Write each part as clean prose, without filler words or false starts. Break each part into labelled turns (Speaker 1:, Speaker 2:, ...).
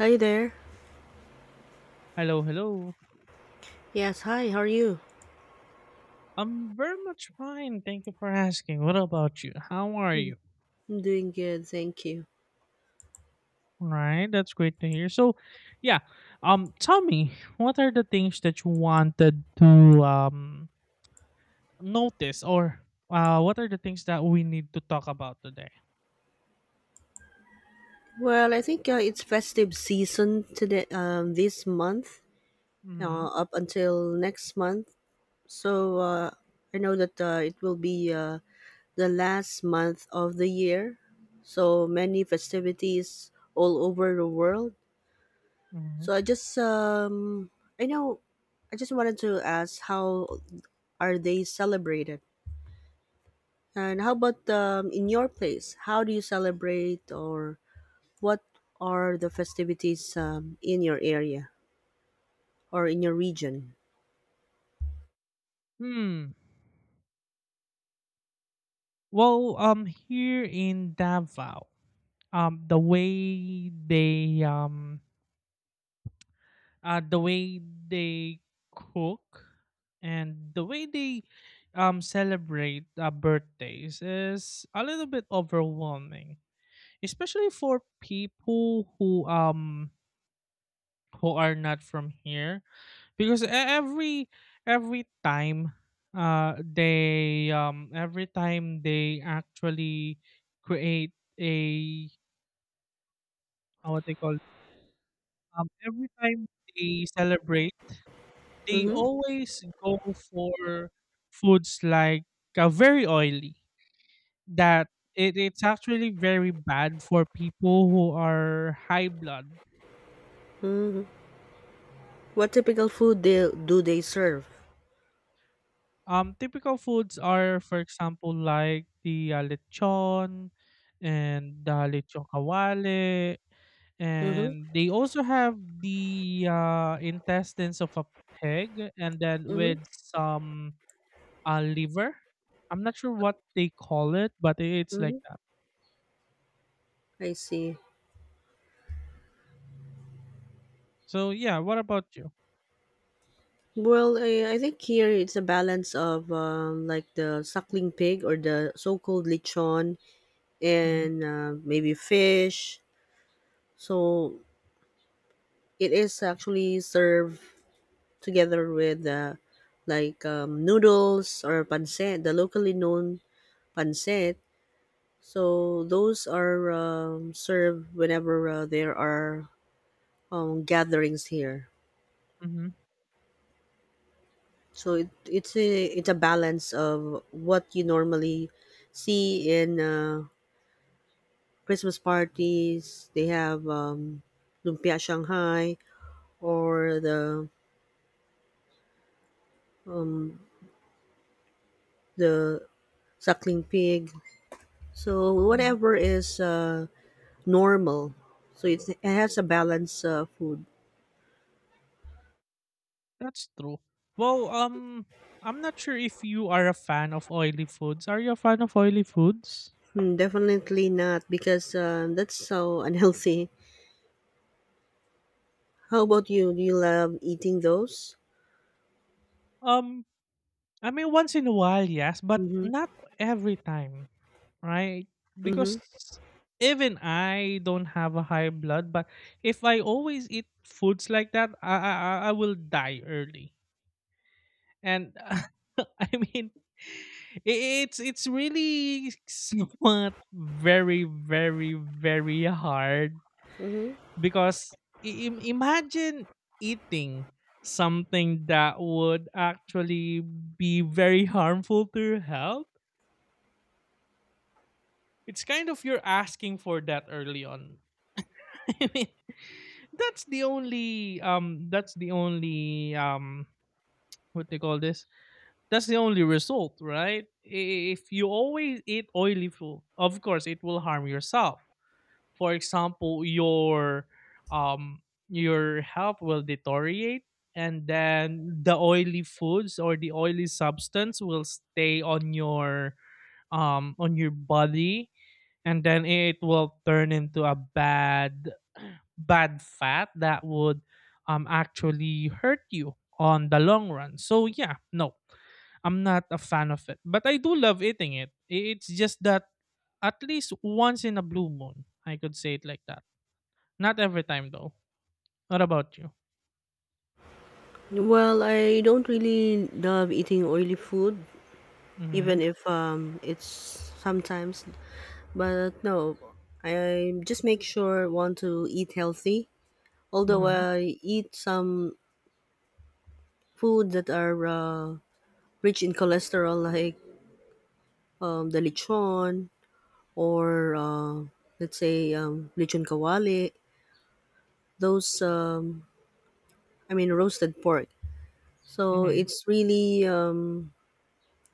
Speaker 1: Hi there.
Speaker 2: Hello, hello.
Speaker 1: Yes, hi, how are you?
Speaker 2: I'm very much fine. Thank you for asking. What about you? How are
Speaker 1: Mm,
Speaker 2: you?
Speaker 1: I'm doing good, thank you.
Speaker 2: All right, that's great to hear. So, yeah, tell me, what are the things that you wanted to um notice, or what are the things that we need to talk about today?
Speaker 1: Well, I think it's festive season today, this month,
Speaker 2: Mm-hmm.
Speaker 1: up until next month. So I know that it will be the last month of the year. So many festivities all over the world.
Speaker 2: Mm-hmm.
Speaker 1: So I just, I know, I just wanted to ask how are they celebrated? And how about in your place? How do you celebrate, or what are the festivities in your area or in your region?
Speaker 2: Hmm. Well, here in Davao, um, the way they um the way they cook and the way they celebrate birthdays is a little bit overwhelming, especially for people who are not from here, because every time they every time they actually create a, what they call it, every time they celebrate they
Speaker 1: Mm-hmm.
Speaker 2: always go for foods like very oily that it's actually very bad for people who are high blood.
Speaker 1: Mm-hmm. What typical food do they serve?
Speaker 2: Typical foods are for example like the lechon and the lechon kawale,
Speaker 1: Mm-hmm.
Speaker 2: and they also have the intestines of a pig and then
Speaker 1: Mm-hmm.
Speaker 2: with some liver. I'm not sure what they call it, but it's
Speaker 1: Mm-hmm.
Speaker 2: like.
Speaker 1: I see.
Speaker 2: So yeah, what about you?
Speaker 1: Well, I think here it's a balance of like the suckling pig or the so-called lechon
Speaker 2: Mhm,
Speaker 1: and maybe fish. So it is actually served together with like noodles or pancit, the locally known pancit. So those are served whenever there are gatherings here.
Speaker 2: mhm,
Speaker 1: So it's a balance of what you normally see in Christmas parties. They have lumpia Shanghai or the suckling pig. So
Speaker 2: mhm.
Speaker 1: whatever is normal. So it has a balance food.
Speaker 2: That's true. Well, I'm not sure if you are a fan of oily foods. Are you a fan of oily foods?
Speaker 1: Hmm, definitely not because that's so unhealthy. How about you? Do you love eating those?
Speaker 2: Um, I mean, once in a while, yes, but
Speaker 1: Mm-hmm.
Speaker 2: not every time, right?
Speaker 1: Mm-hmm.
Speaker 2: Because even I don't have a high blood, but if I always eat foods like that, I will die early. And, I mean, it's really somewhat very very very hard
Speaker 1: Mm-hmm.
Speaker 2: because imagine eating something that would actually be very harmful to your health. It's kind of you're asking for that early on. I mean, that's the only what do you call this. That's the only result, right? If you always eat oily food, of course it will harm yourself. For example, your your health will deteriorate, and then the oily foods or the oily substance will stay on your body, and then it will turn into a bad bad fat that would actually hurt you on the long run. So yeah, no. I'm not a fan of it. But I do love eating it. It's just that at least once in a blue moon, I could say it like that. Not every time though. What about you?
Speaker 1: Well, I don't really love eating oily food, even
Speaker 2: Mhm.
Speaker 1: if it's sometimes. But no, I just make sure want to eat healthy. Although
Speaker 2: Mhm.
Speaker 1: I eat some food that are rich in cholesterol, like the lechon, or let's say lechon kawali, those I mean roasted pork. So
Speaker 2: Mhm.
Speaker 1: it's really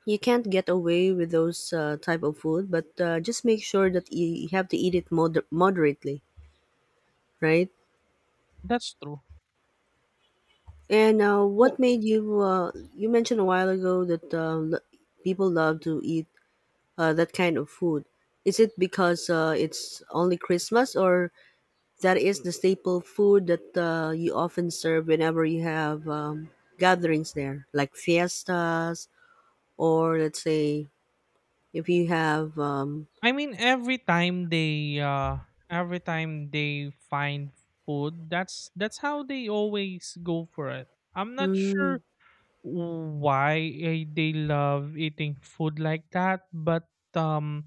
Speaker 1: you can't get away with those type of food, but just make sure that you have to eat it moderately, right?
Speaker 2: That's true.
Speaker 1: And what
Speaker 2: Well,
Speaker 1: made you? You mentioned a while ago that people love to eat that kind of food. Is it because it's only Christmas, or that is the staple food that you often serve whenever you have gatherings there, like fiestas, or let's say if you have.
Speaker 2: I mean every time they find food, that's how they always go for it. I'm not
Speaker 1: Hmm,
Speaker 2: sure why, they love eating food like that, but um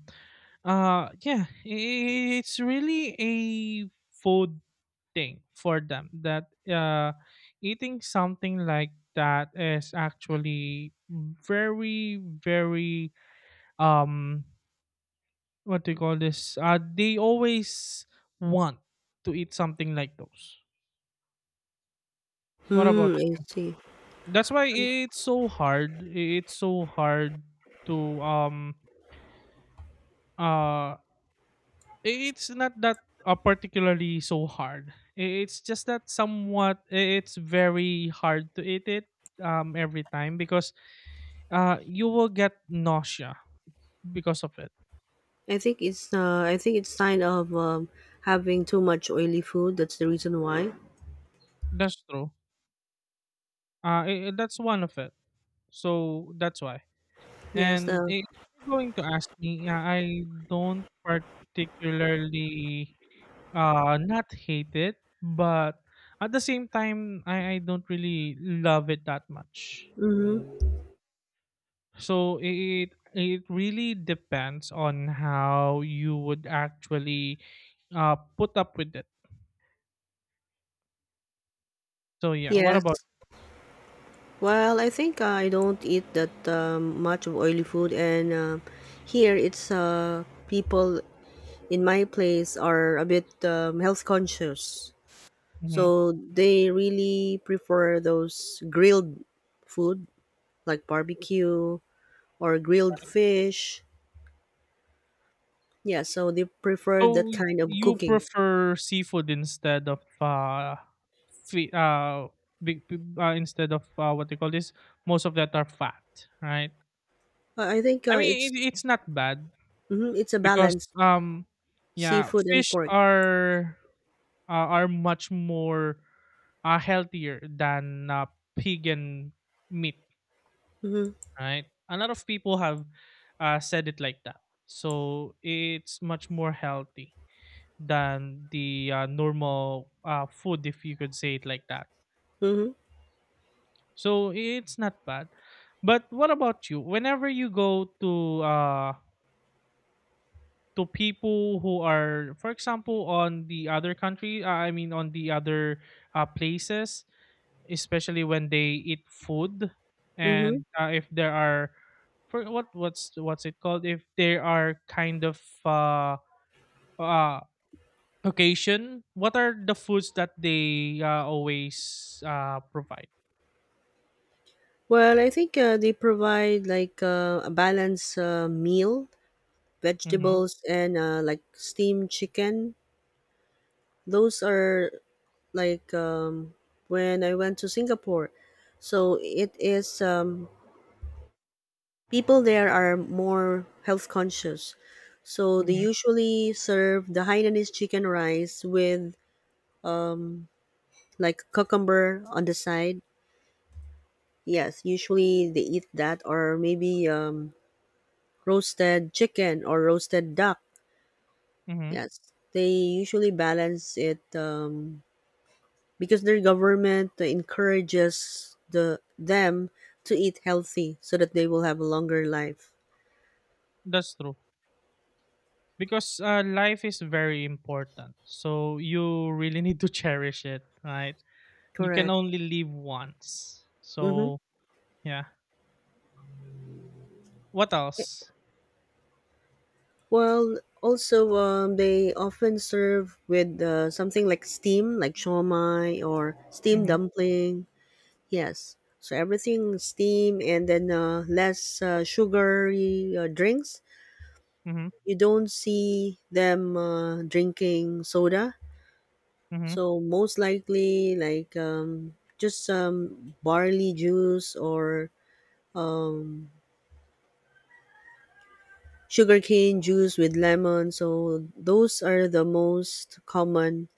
Speaker 2: yeah, it's really a food thing for them that eating something like that is actually very very, um what do you call this, they always want to eat something like those. What about,
Speaker 1: I see.
Speaker 2: that's why it's so hard, it's so hard to, Uh, it's not that particularly so hard. It's just that somewhat it's very hard to eat it every time because you will get nausea because of it.
Speaker 1: I think it's. I think it's sign of having too much oily food. That's the reason why.
Speaker 2: That's true. That's one of it. So that's why.
Speaker 1: Yes.
Speaker 2: And if you're going to ask me, I don't particularly not hate it, but at the same time I don't really love it that much.
Speaker 1: Mm-hmm.
Speaker 2: So it really depends on how you would actually put up with it. So yeah, what
Speaker 1: Yes.
Speaker 2: about?
Speaker 1: Well, I think I don't eat that much of oily food, and here it's people in my place are a bit health conscious.
Speaker 2: Hmm.
Speaker 1: So they really prefer those grilled food like barbecue or grilled fish. Yeah, so they prefer that
Speaker 2: So
Speaker 1: kind of
Speaker 2: you
Speaker 1: cooking.
Speaker 2: prefer seafood instead of, fi- uh, big, instead of, what they call this? Most of that are fat, right?
Speaker 1: I think
Speaker 2: I mean, it's not bad
Speaker 1: it's a
Speaker 2: because,
Speaker 1: balance
Speaker 2: um, yeah,
Speaker 1: seafood and
Speaker 2: fish
Speaker 1: pork.
Speaker 2: are much more healthier than pig and meat,
Speaker 1: Mm-hmm.
Speaker 2: right? A lot of people have said it like that. So it's much more healthy than the normal food, if you could say it like that.
Speaker 1: Mm-hmm.
Speaker 2: So it's not bad. But what about you? Whenever you go to, to people who are, for example, on the other country, I mean, on the other places, especially when they eat food,
Speaker 1: Mm-hmm.
Speaker 2: and if there are, for what's it called, if there are kind of uh occasion, what are the foods that they always provide?
Speaker 1: Well, I think they provide like a balanced meal,
Speaker 2: Mm-hmm,
Speaker 1: vegetables, and like steamed chicken. Those are like when I went to Singapore. So it is people there are more health conscious. So they
Speaker 2: mm-hmm,
Speaker 1: usually serve the Hainanese chicken rice with like cucumber on the side. Yes, usually they eat that or maybe roasted chicken or roasted duck.
Speaker 2: mm-hmm.
Speaker 1: Yes, they usually balance it because their government encourages the them to eat healthy so that they will have a longer life.
Speaker 2: That's true, because life is very important, so you really need to cherish it, right? You can
Speaker 1: Correct.
Speaker 2: only live once,
Speaker 1: Mm-hmm.
Speaker 2: so yeah. What else?
Speaker 1: Well, also they often serve with something like steam, like shawmai or steam
Speaker 2: Mm-hmm,
Speaker 1: dumpling. Yes. So everything steam and then less sugary drinks.
Speaker 2: mm-hmm,
Speaker 1: You don't see them drinking soda.
Speaker 2: mm-hmm,
Speaker 1: So most likely, like just barley juice or um, sugarcane juice with lemon. So those are the most common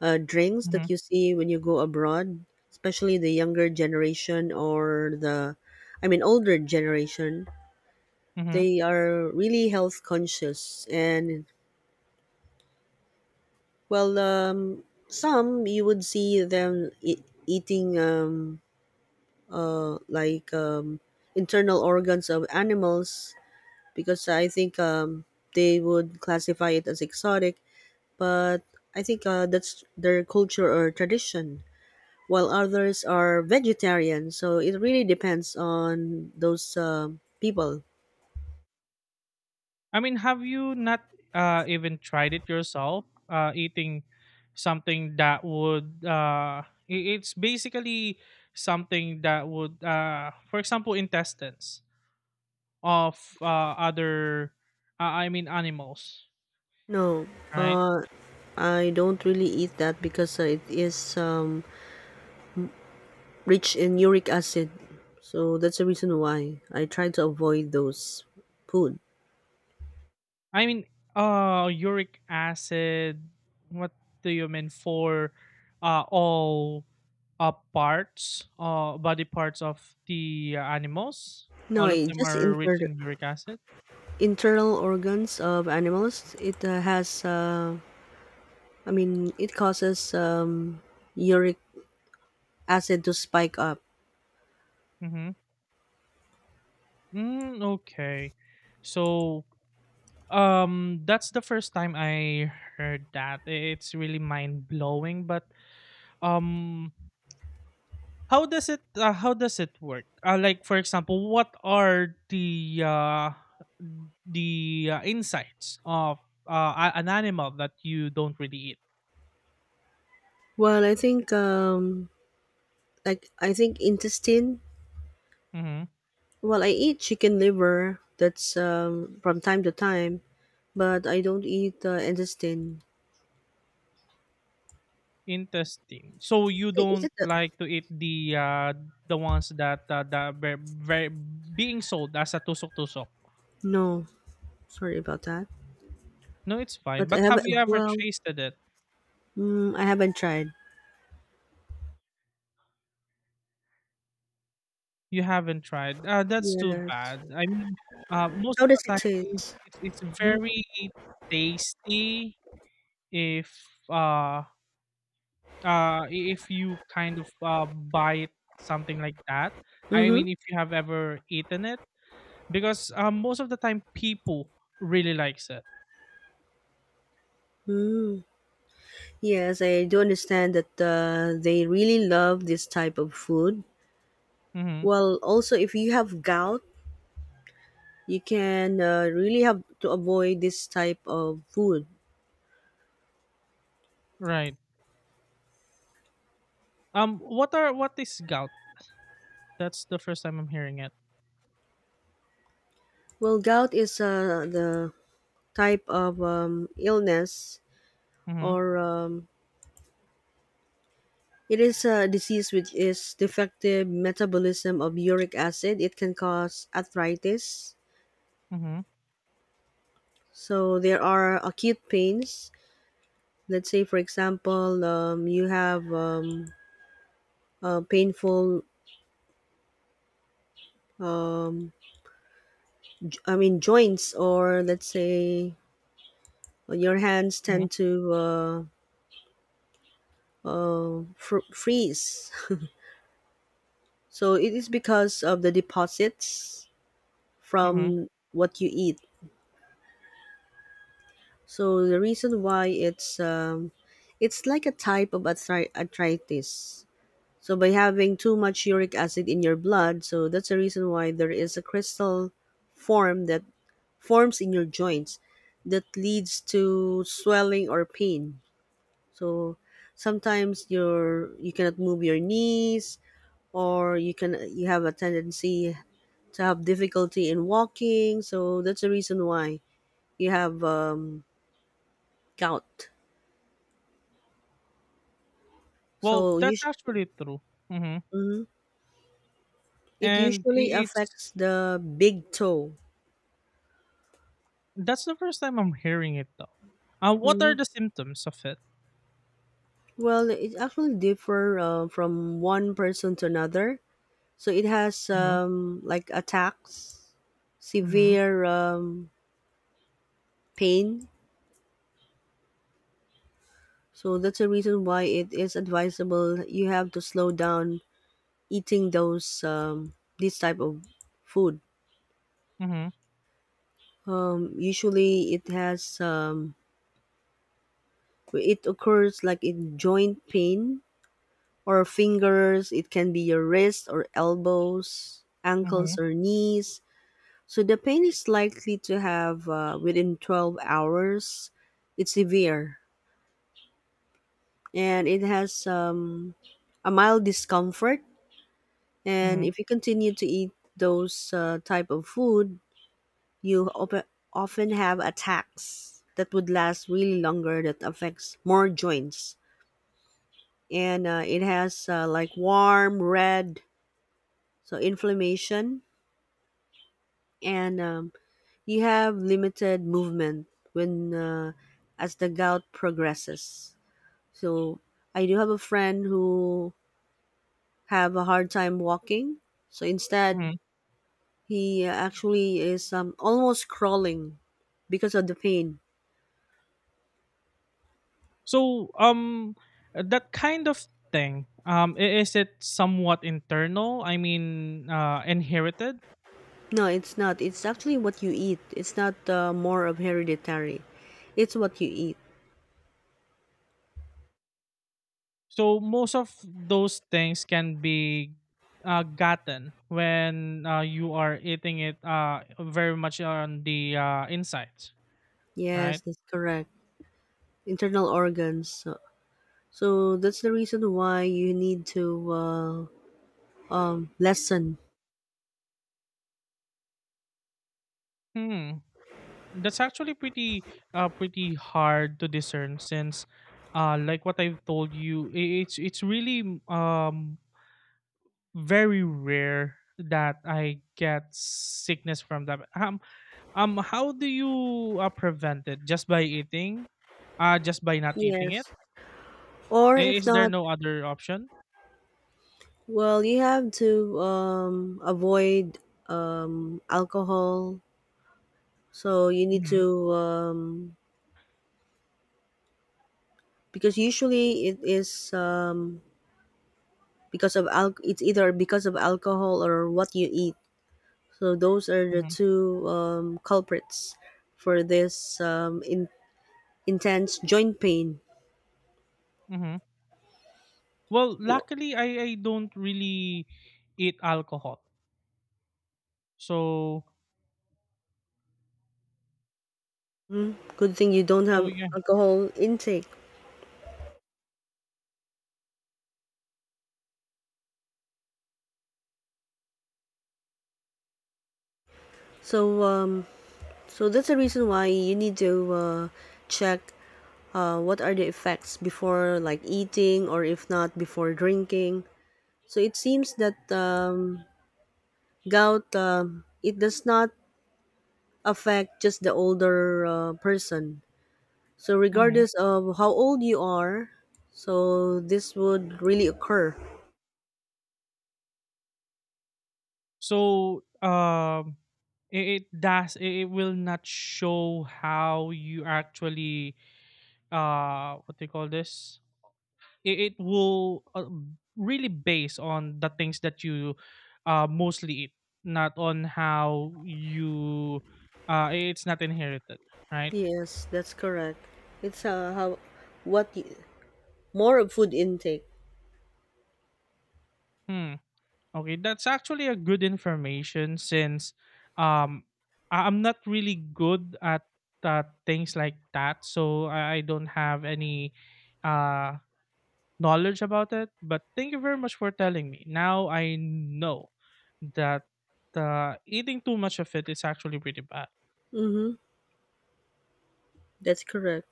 Speaker 1: drinks
Speaker 2: mm-hmm,
Speaker 1: that you see when you go abroad, especially the younger generation or I mean, older generation.
Speaker 2: mm-hmm.
Speaker 1: They are really health conscious and well, some you would see them eating like internal organs of animals because I think they would classify it as exotic. But I think that's their culture or tradition. While others are vegetarian, so it really depends on those people.
Speaker 2: I mean, have you not even tried it yourself? Eating something that would, it's basically something that would, for example, intestines of, other, I mean, animals,
Speaker 1: No,
Speaker 2: right?
Speaker 1: uh, I don't really eat that because it is rich in uric acid. So that's the reason why I try to avoid those food.
Speaker 2: I mean, uric acid. What do you mean, for all, parts, body parts of the animals?
Speaker 1: No,
Speaker 2: All of
Speaker 1: it
Speaker 2: them
Speaker 1: just
Speaker 2: are rich in uric acid.
Speaker 1: internal organs of animals. It I mean, it causes uric acid to spike up.
Speaker 2: Mhm. Mm, okay. So, that's the first time I heard that. It's really mind-blowing, but, um how does it work? Like for example, what are the, insights of, an animal that you don't really eat?
Speaker 1: Well, I think intestine.
Speaker 2: Hmm.
Speaker 1: Well, I eat chicken liver. That's from time to time, but I don't eat intestine.
Speaker 2: Interesting. So you
Speaker 1: Is
Speaker 2: don't
Speaker 1: it?
Speaker 2: like to eat the, ones that, very very being sold as a tusok tusok.
Speaker 1: No, sorry about that.
Speaker 2: No, it's fine.
Speaker 1: But I
Speaker 2: But
Speaker 1: haven't.
Speaker 2: have you ever
Speaker 1: Well,
Speaker 2: tasted it?
Speaker 1: I haven't tried.
Speaker 2: You haven't tried. That's too
Speaker 1: Yes.
Speaker 2: bad. I mean, most
Speaker 1: How
Speaker 2: of the
Speaker 1: does it
Speaker 2: time
Speaker 1: taste?
Speaker 2: it's
Speaker 1: Mm-hmm.
Speaker 2: very tasty if, uh if you kind of buy it something like that. I
Speaker 1: Mm-hmm.
Speaker 2: mean, if you have ever eaten it, because most of the time people really likes it.
Speaker 1: Hmm. Yes, I do understand that they really love this type of food.
Speaker 2: Mm-hmm.
Speaker 1: Well, also, if you have gout, you can really have to avoid this type of food.
Speaker 2: Right. What is gout? That's the first time I'm hearing it.
Speaker 1: Well, gout is the type of illness
Speaker 2: Mm-hmm.
Speaker 1: or it is a disease which is defective metabolism of uric acid. It can cause arthritis.
Speaker 2: Mm-hmm.
Speaker 1: So there are acute pains. Let's say, for example, you have painful I mean joints or let's say your hands
Speaker 2: Mm-hmm.
Speaker 1: tend to freeze. So it is because of the deposits
Speaker 2: Mm-hmm.
Speaker 1: from what you eat. So the reason why it's like a type of arthritis. So by having too much uric acid in your blood, so that's the reason why there is a crystal form that forms in your joints that leads to swelling or pain. So sometimes you cannot move your knees or you can you have a tendency to have difficulty in walking so that's the reason why you have gout
Speaker 2: Well,
Speaker 1: so
Speaker 2: that's actually true. Mm-hmm.
Speaker 1: mhm. It
Speaker 2: And
Speaker 1: usually
Speaker 2: I- it's
Speaker 1: affects the big toe.
Speaker 2: that's the first time I'm hearing it though. What
Speaker 1: Hmm.
Speaker 2: are the symptoms of it?
Speaker 1: Well, it actually differ from one person to another. So it has
Speaker 2: Mm-hmm.
Speaker 1: like attacks,
Speaker 2: Mm-hmm.
Speaker 1: severe pain. So that's the reason why it is advisable you have to slow down eating those this type of food.
Speaker 2: Mm-hmm.
Speaker 1: Usually it has it occurs like in joint pain or fingers. It can be your wrist or elbows,
Speaker 2: Mm-hmm.
Speaker 1: ankles or knees. So the pain is likely to have within 12 hours. It's severe and it has a mild discomfort, and
Speaker 2: Mm-hmm.
Speaker 1: if you continue to eat those type of food you often have attacks that would last really longer that affects more joints, and it has like warm red so inflammation and you have limited movement when as the gout progresses. So I do have a friend who have a hard time walking so instead he actually is almost crawling because of the pain.
Speaker 2: So, that kind of thing, is it somewhat internal? I mean, inherited.
Speaker 1: No, it's not. It's actually what you eat. It's not more of hereditary. It's what you eat.
Speaker 2: So most of those things can be gotten when you are eating it very much on the insides,
Speaker 1: Yes,
Speaker 2: right?
Speaker 1: that's correct. Internal organs. So, so that's the reason why you need to lessen.
Speaker 2: Hmm. That's actually pretty hard to discern since, like what I've told you, it's really um very rare that I get sickness from them. How do you prevent it? Just by eating, just by not eating
Speaker 1: Yes.
Speaker 2: it?
Speaker 1: Or if
Speaker 2: Is there
Speaker 1: not,
Speaker 2: no other option?
Speaker 1: well, you have to avoid alcohol. So you need
Speaker 2: Hmm.
Speaker 1: to because usually it is because of it's either because of alcohol or what you eat. So those are the
Speaker 2: Hmm.
Speaker 1: two culprits for this intense joint pain.
Speaker 2: Hmm. Well,
Speaker 1: No.
Speaker 2: luckily, I don't really eat alcohol, so
Speaker 1: Mm, good thing you don't have
Speaker 2: yeah.
Speaker 1: alcohol intake. So so that's the reason why you need to check what are the effects before like eating or if not before drinking. So it seems that gout it does not affect just the older person. So
Speaker 2: Hmm.
Speaker 1: regardless of how old you are, so this would really occur.
Speaker 2: So, it does, it will not show how you actually, what do you call this, it will, really base on the things that you mostly eat, not on how you. It's not inherited, right?
Speaker 1: Yes, that's correct. It's how what y- more of food intake.
Speaker 2: Hmm. Okay, that's actually a good information since, um I'm not really good at things like that, so I don't have any uh knowledge about it. But thank you very much for telling me. Now I know that eating too much of it is actually pretty bad.
Speaker 1: Mm-hmm. That's correct.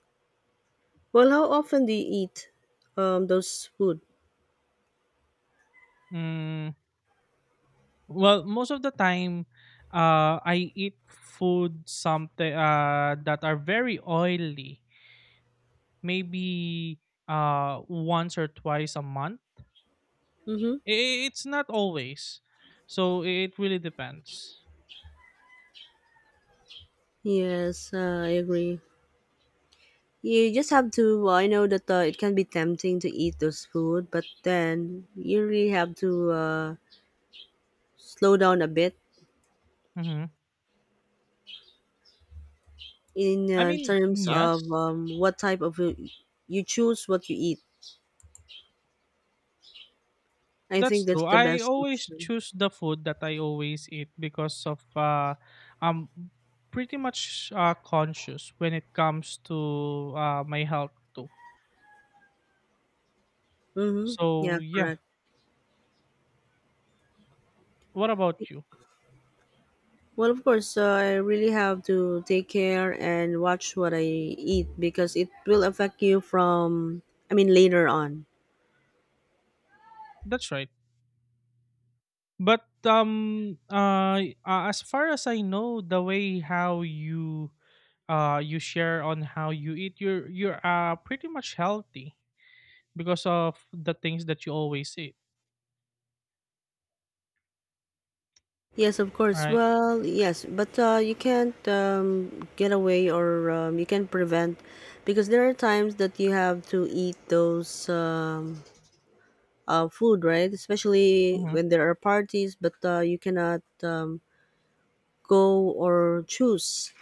Speaker 1: Well, how often do you eat those food?
Speaker 2: Mm, well, most of the time, I eat food something that are very oily. Maybe once or twice a month.
Speaker 1: Mm-hmm.
Speaker 2: It's not always, so it really depends.
Speaker 1: Yes, I agree. You just have to. Well, I know that it can be tempting to eat those food, but then you really have to slow down a bit
Speaker 2: Hmm.
Speaker 1: in
Speaker 2: I mean,
Speaker 1: terms of
Speaker 2: yes.
Speaker 1: what type of you choose what you eat. I think
Speaker 2: That's
Speaker 1: that's
Speaker 2: true.
Speaker 1: the
Speaker 2: I
Speaker 1: best
Speaker 2: always
Speaker 1: option.
Speaker 2: choose the food that I always eat because of, I'm pretty much conscious when it comes to my health too.
Speaker 1: Mm-hmm. Yeah,
Speaker 2: So yeah.
Speaker 1: correct.
Speaker 2: What about you?
Speaker 1: Well, of course, I really have to take care and watch what I eat because it will affect you from, I mean, later on.
Speaker 2: That's right. But, as far as I know, the way how you share on how you eat, you're pretty much healthy because of the things that you always eat,
Speaker 1: Yes, of course.
Speaker 2: right?
Speaker 1: Well, yes, but you can't get away or you can prevent because there are times that you have to eat those. Food, right? Especially
Speaker 2: Mhm.
Speaker 1: when there are parties, but you cannot go or choose.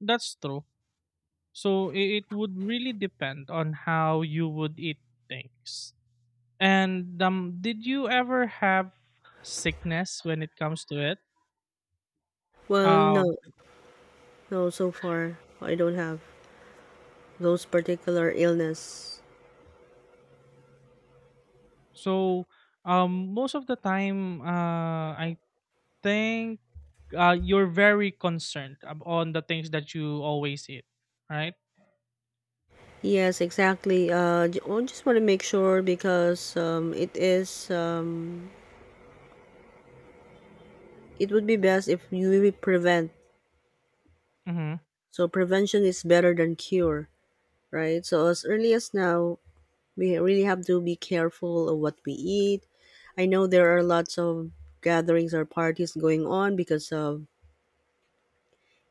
Speaker 2: That's true. So it would really depend on how you would eat things. And, did you ever have sickness when it comes to it?
Speaker 1: Well,
Speaker 2: Um,
Speaker 1: no, so far I don't have those particular illness.
Speaker 2: so, most of the time, I think you're very concerned on the things that you always eat, right?
Speaker 1: Yes, exactly. I just want to make sure because it is it would be best if you will prevent.
Speaker 2: Mm-hmm,
Speaker 1: So prevention is better than cure, right? So as early as now, we really have to be careful of what we eat. I know there are lots of gatherings or parties going on because of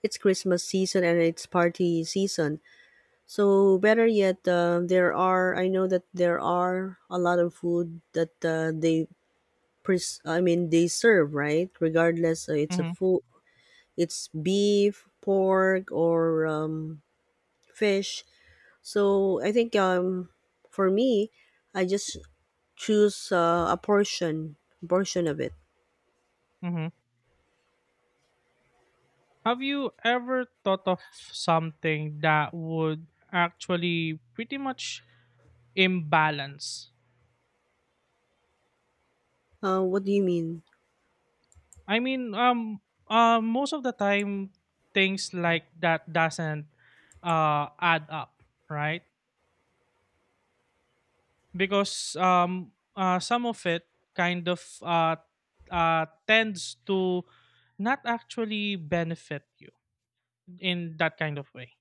Speaker 1: it's Christmas season and it's party season. So better yet, there are I know that there are a lot of food that they I mean they serve right, regardless it's a
Speaker 2: mm-hmm,
Speaker 1: food it's beef, pork, or fish. So I think for me, I just choose a portion portion of it.
Speaker 2: mm-hmm. Have you ever thought of something that would actually pretty much imbalance.
Speaker 1: What do you mean?
Speaker 2: I mean, most of the time, things like that doesn't add up, right? Because, some of it kind of, tends to not actually benefit you in that kind of way,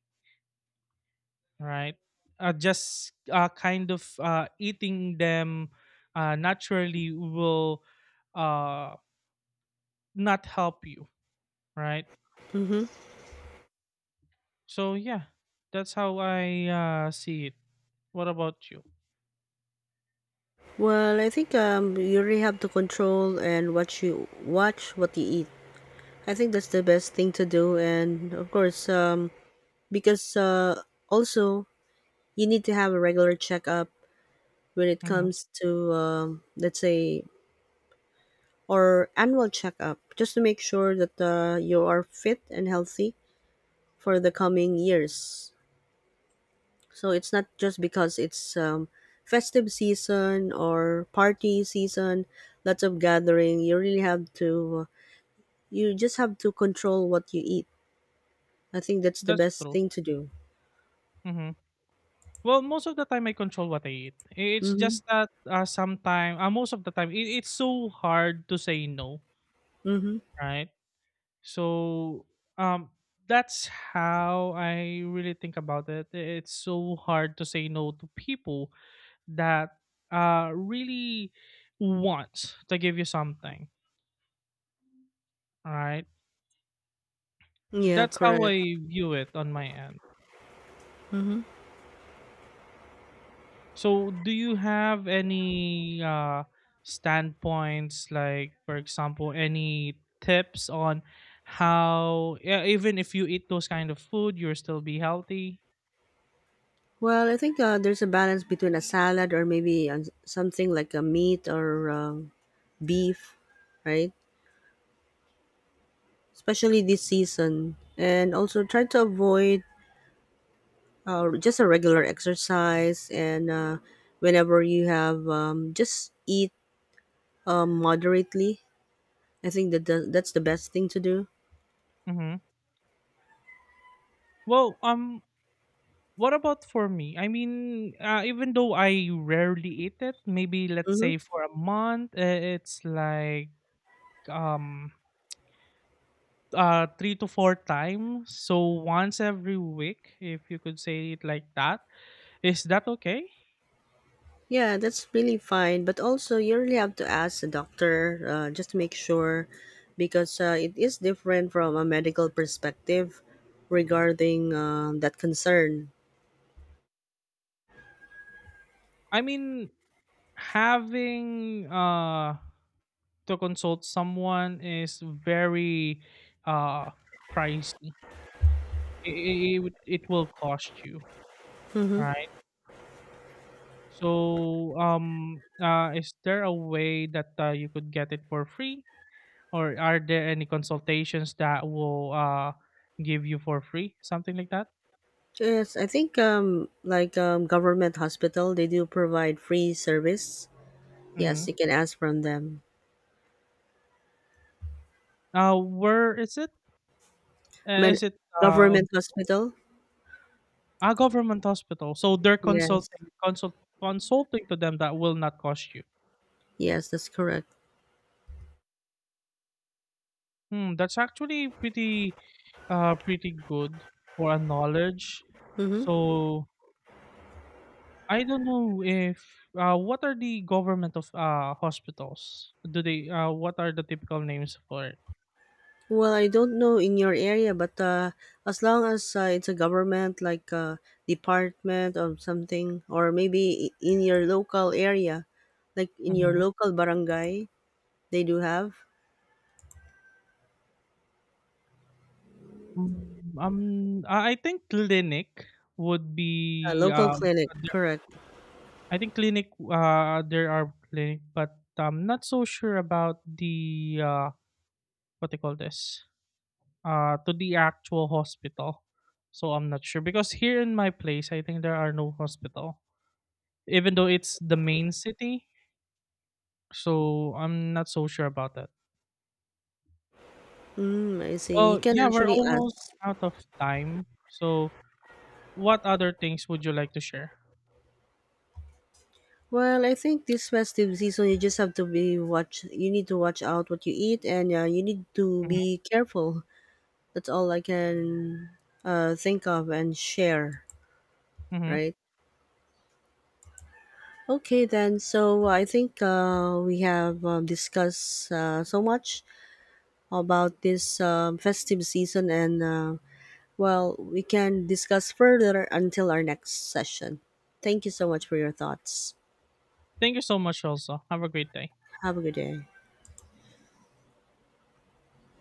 Speaker 2: right? Just kind of eating them naturally will uh, not help you, right?
Speaker 1: Mm-hmm.
Speaker 2: So yeah, that's how I see it. What about you?
Speaker 1: Well, I think you really have to control and what you watch what you eat. I think that's the best thing to do, and of course, because also you need to have a regular checkup when it
Speaker 2: Mhm,
Speaker 1: comes to let's say or annual checkup just to make sure that you are fit and healthy for the coming years. So it's not just because it's festive season or party season, lots of gathering. You really have to, you just have to control what you eat. I think that's the
Speaker 2: that's
Speaker 1: best
Speaker 2: true.
Speaker 1: thing to do.
Speaker 2: Mhm. Well, most of the time I control what I eat. It's
Speaker 1: Mm-hmm.
Speaker 2: just that, sometimes, most of the time it's so hard to say no,
Speaker 1: Mm-hmm.
Speaker 2: right? So um that's how I really think about it. It's so hard to say no to people that really want to give you something, all right?
Speaker 1: Yeah,
Speaker 2: That's how I
Speaker 1: correct.
Speaker 2: view it on my end.
Speaker 1: Mm-hmm.
Speaker 2: So, do you have any standpoints, like, for example, any tips on how, yeah, even if you eat those kind of food, you'll still be healthy?
Speaker 1: Well, I think there's a balance between a salad or maybe something like a meat or beef, right? Especially this season. And also try to avoid just a regular exercise and whenever you have just eat moderately. I think that that's the best thing to do.
Speaker 2: Mm-hmm. Well, what about for me? I mean, even though I rarely eat it, maybe let's
Speaker 1: Hmm.
Speaker 2: say for a month, it's like, um three to four times, so once every week, if you could say it like that. Is that okay?
Speaker 1: Yeah, that's really fine but also you really have to ask the doctor just to make sure because it is different from a medical perspective regarding that concern.
Speaker 2: I mean, having to consult someone is very uh pricey. It will cost you,
Speaker 1: Hmm.
Speaker 2: right? So, is there a way that you could get it for free? Or are there any consultations that will give you for free, something like that?
Speaker 1: Yes, I think like government hospital they do provide free service.
Speaker 2: Mm-hmm.
Speaker 1: Yes, you can ask from them.
Speaker 2: Where is it?
Speaker 1: Man-
Speaker 2: Is it uh,
Speaker 1: government hospital?
Speaker 2: a government hospital? So they're
Speaker 1: Yes.
Speaker 2: consulting to them that will not cost you.
Speaker 1: Yes, that's correct.
Speaker 2: Hmm, that's actually pretty good for a knowledge.
Speaker 1: Mm-hmm.
Speaker 2: So I don't know if, what are the government of hospitals? Do they, what are the typical names for it?
Speaker 1: Well, I don't know in your area, but as long as it's a government like department or something, or maybe in your local area, like in your
Speaker 2: Mm-hmm.
Speaker 1: local barangay, they do have
Speaker 2: Mm, I think clinic would
Speaker 1: a
Speaker 2: be
Speaker 1: local clinic.
Speaker 2: there.
Speaker 1: Correct.
Speaker 2: I think clinic, there are clinic, but I'm not so sure about the, what they call this, to the actual hospital. So I'm not sure because here in my place I think there are no hospital, even though it's the main city. So I'm not so sure about that.
Speaker 1: Mm, I see. You
Speaker 2: Well,
Speaker 1: can
Speaker 2: yeah, we're
Speaker 1: actually
Speaker 2: almost
Speaker 1: ask.
Speaker 2: out of time. So what other things would you like to share?
Speaker 1: Well, I think this festive season, you just have to be watch. You need to watch out what you eat, and you need to
Speaker 2: Mhm,
Speaker 1: be careful. That's all I can think of and share,
Speaker 2: mhm.
Speaker 1: right? Okay, then. So I think we have discussed so much about this festive season, and well, we can discuss further until our next session. Thank you so much for your thoughts.
Speaker 2: Thank you so much, also. Have a great day.
Speaker 1: Have a good day.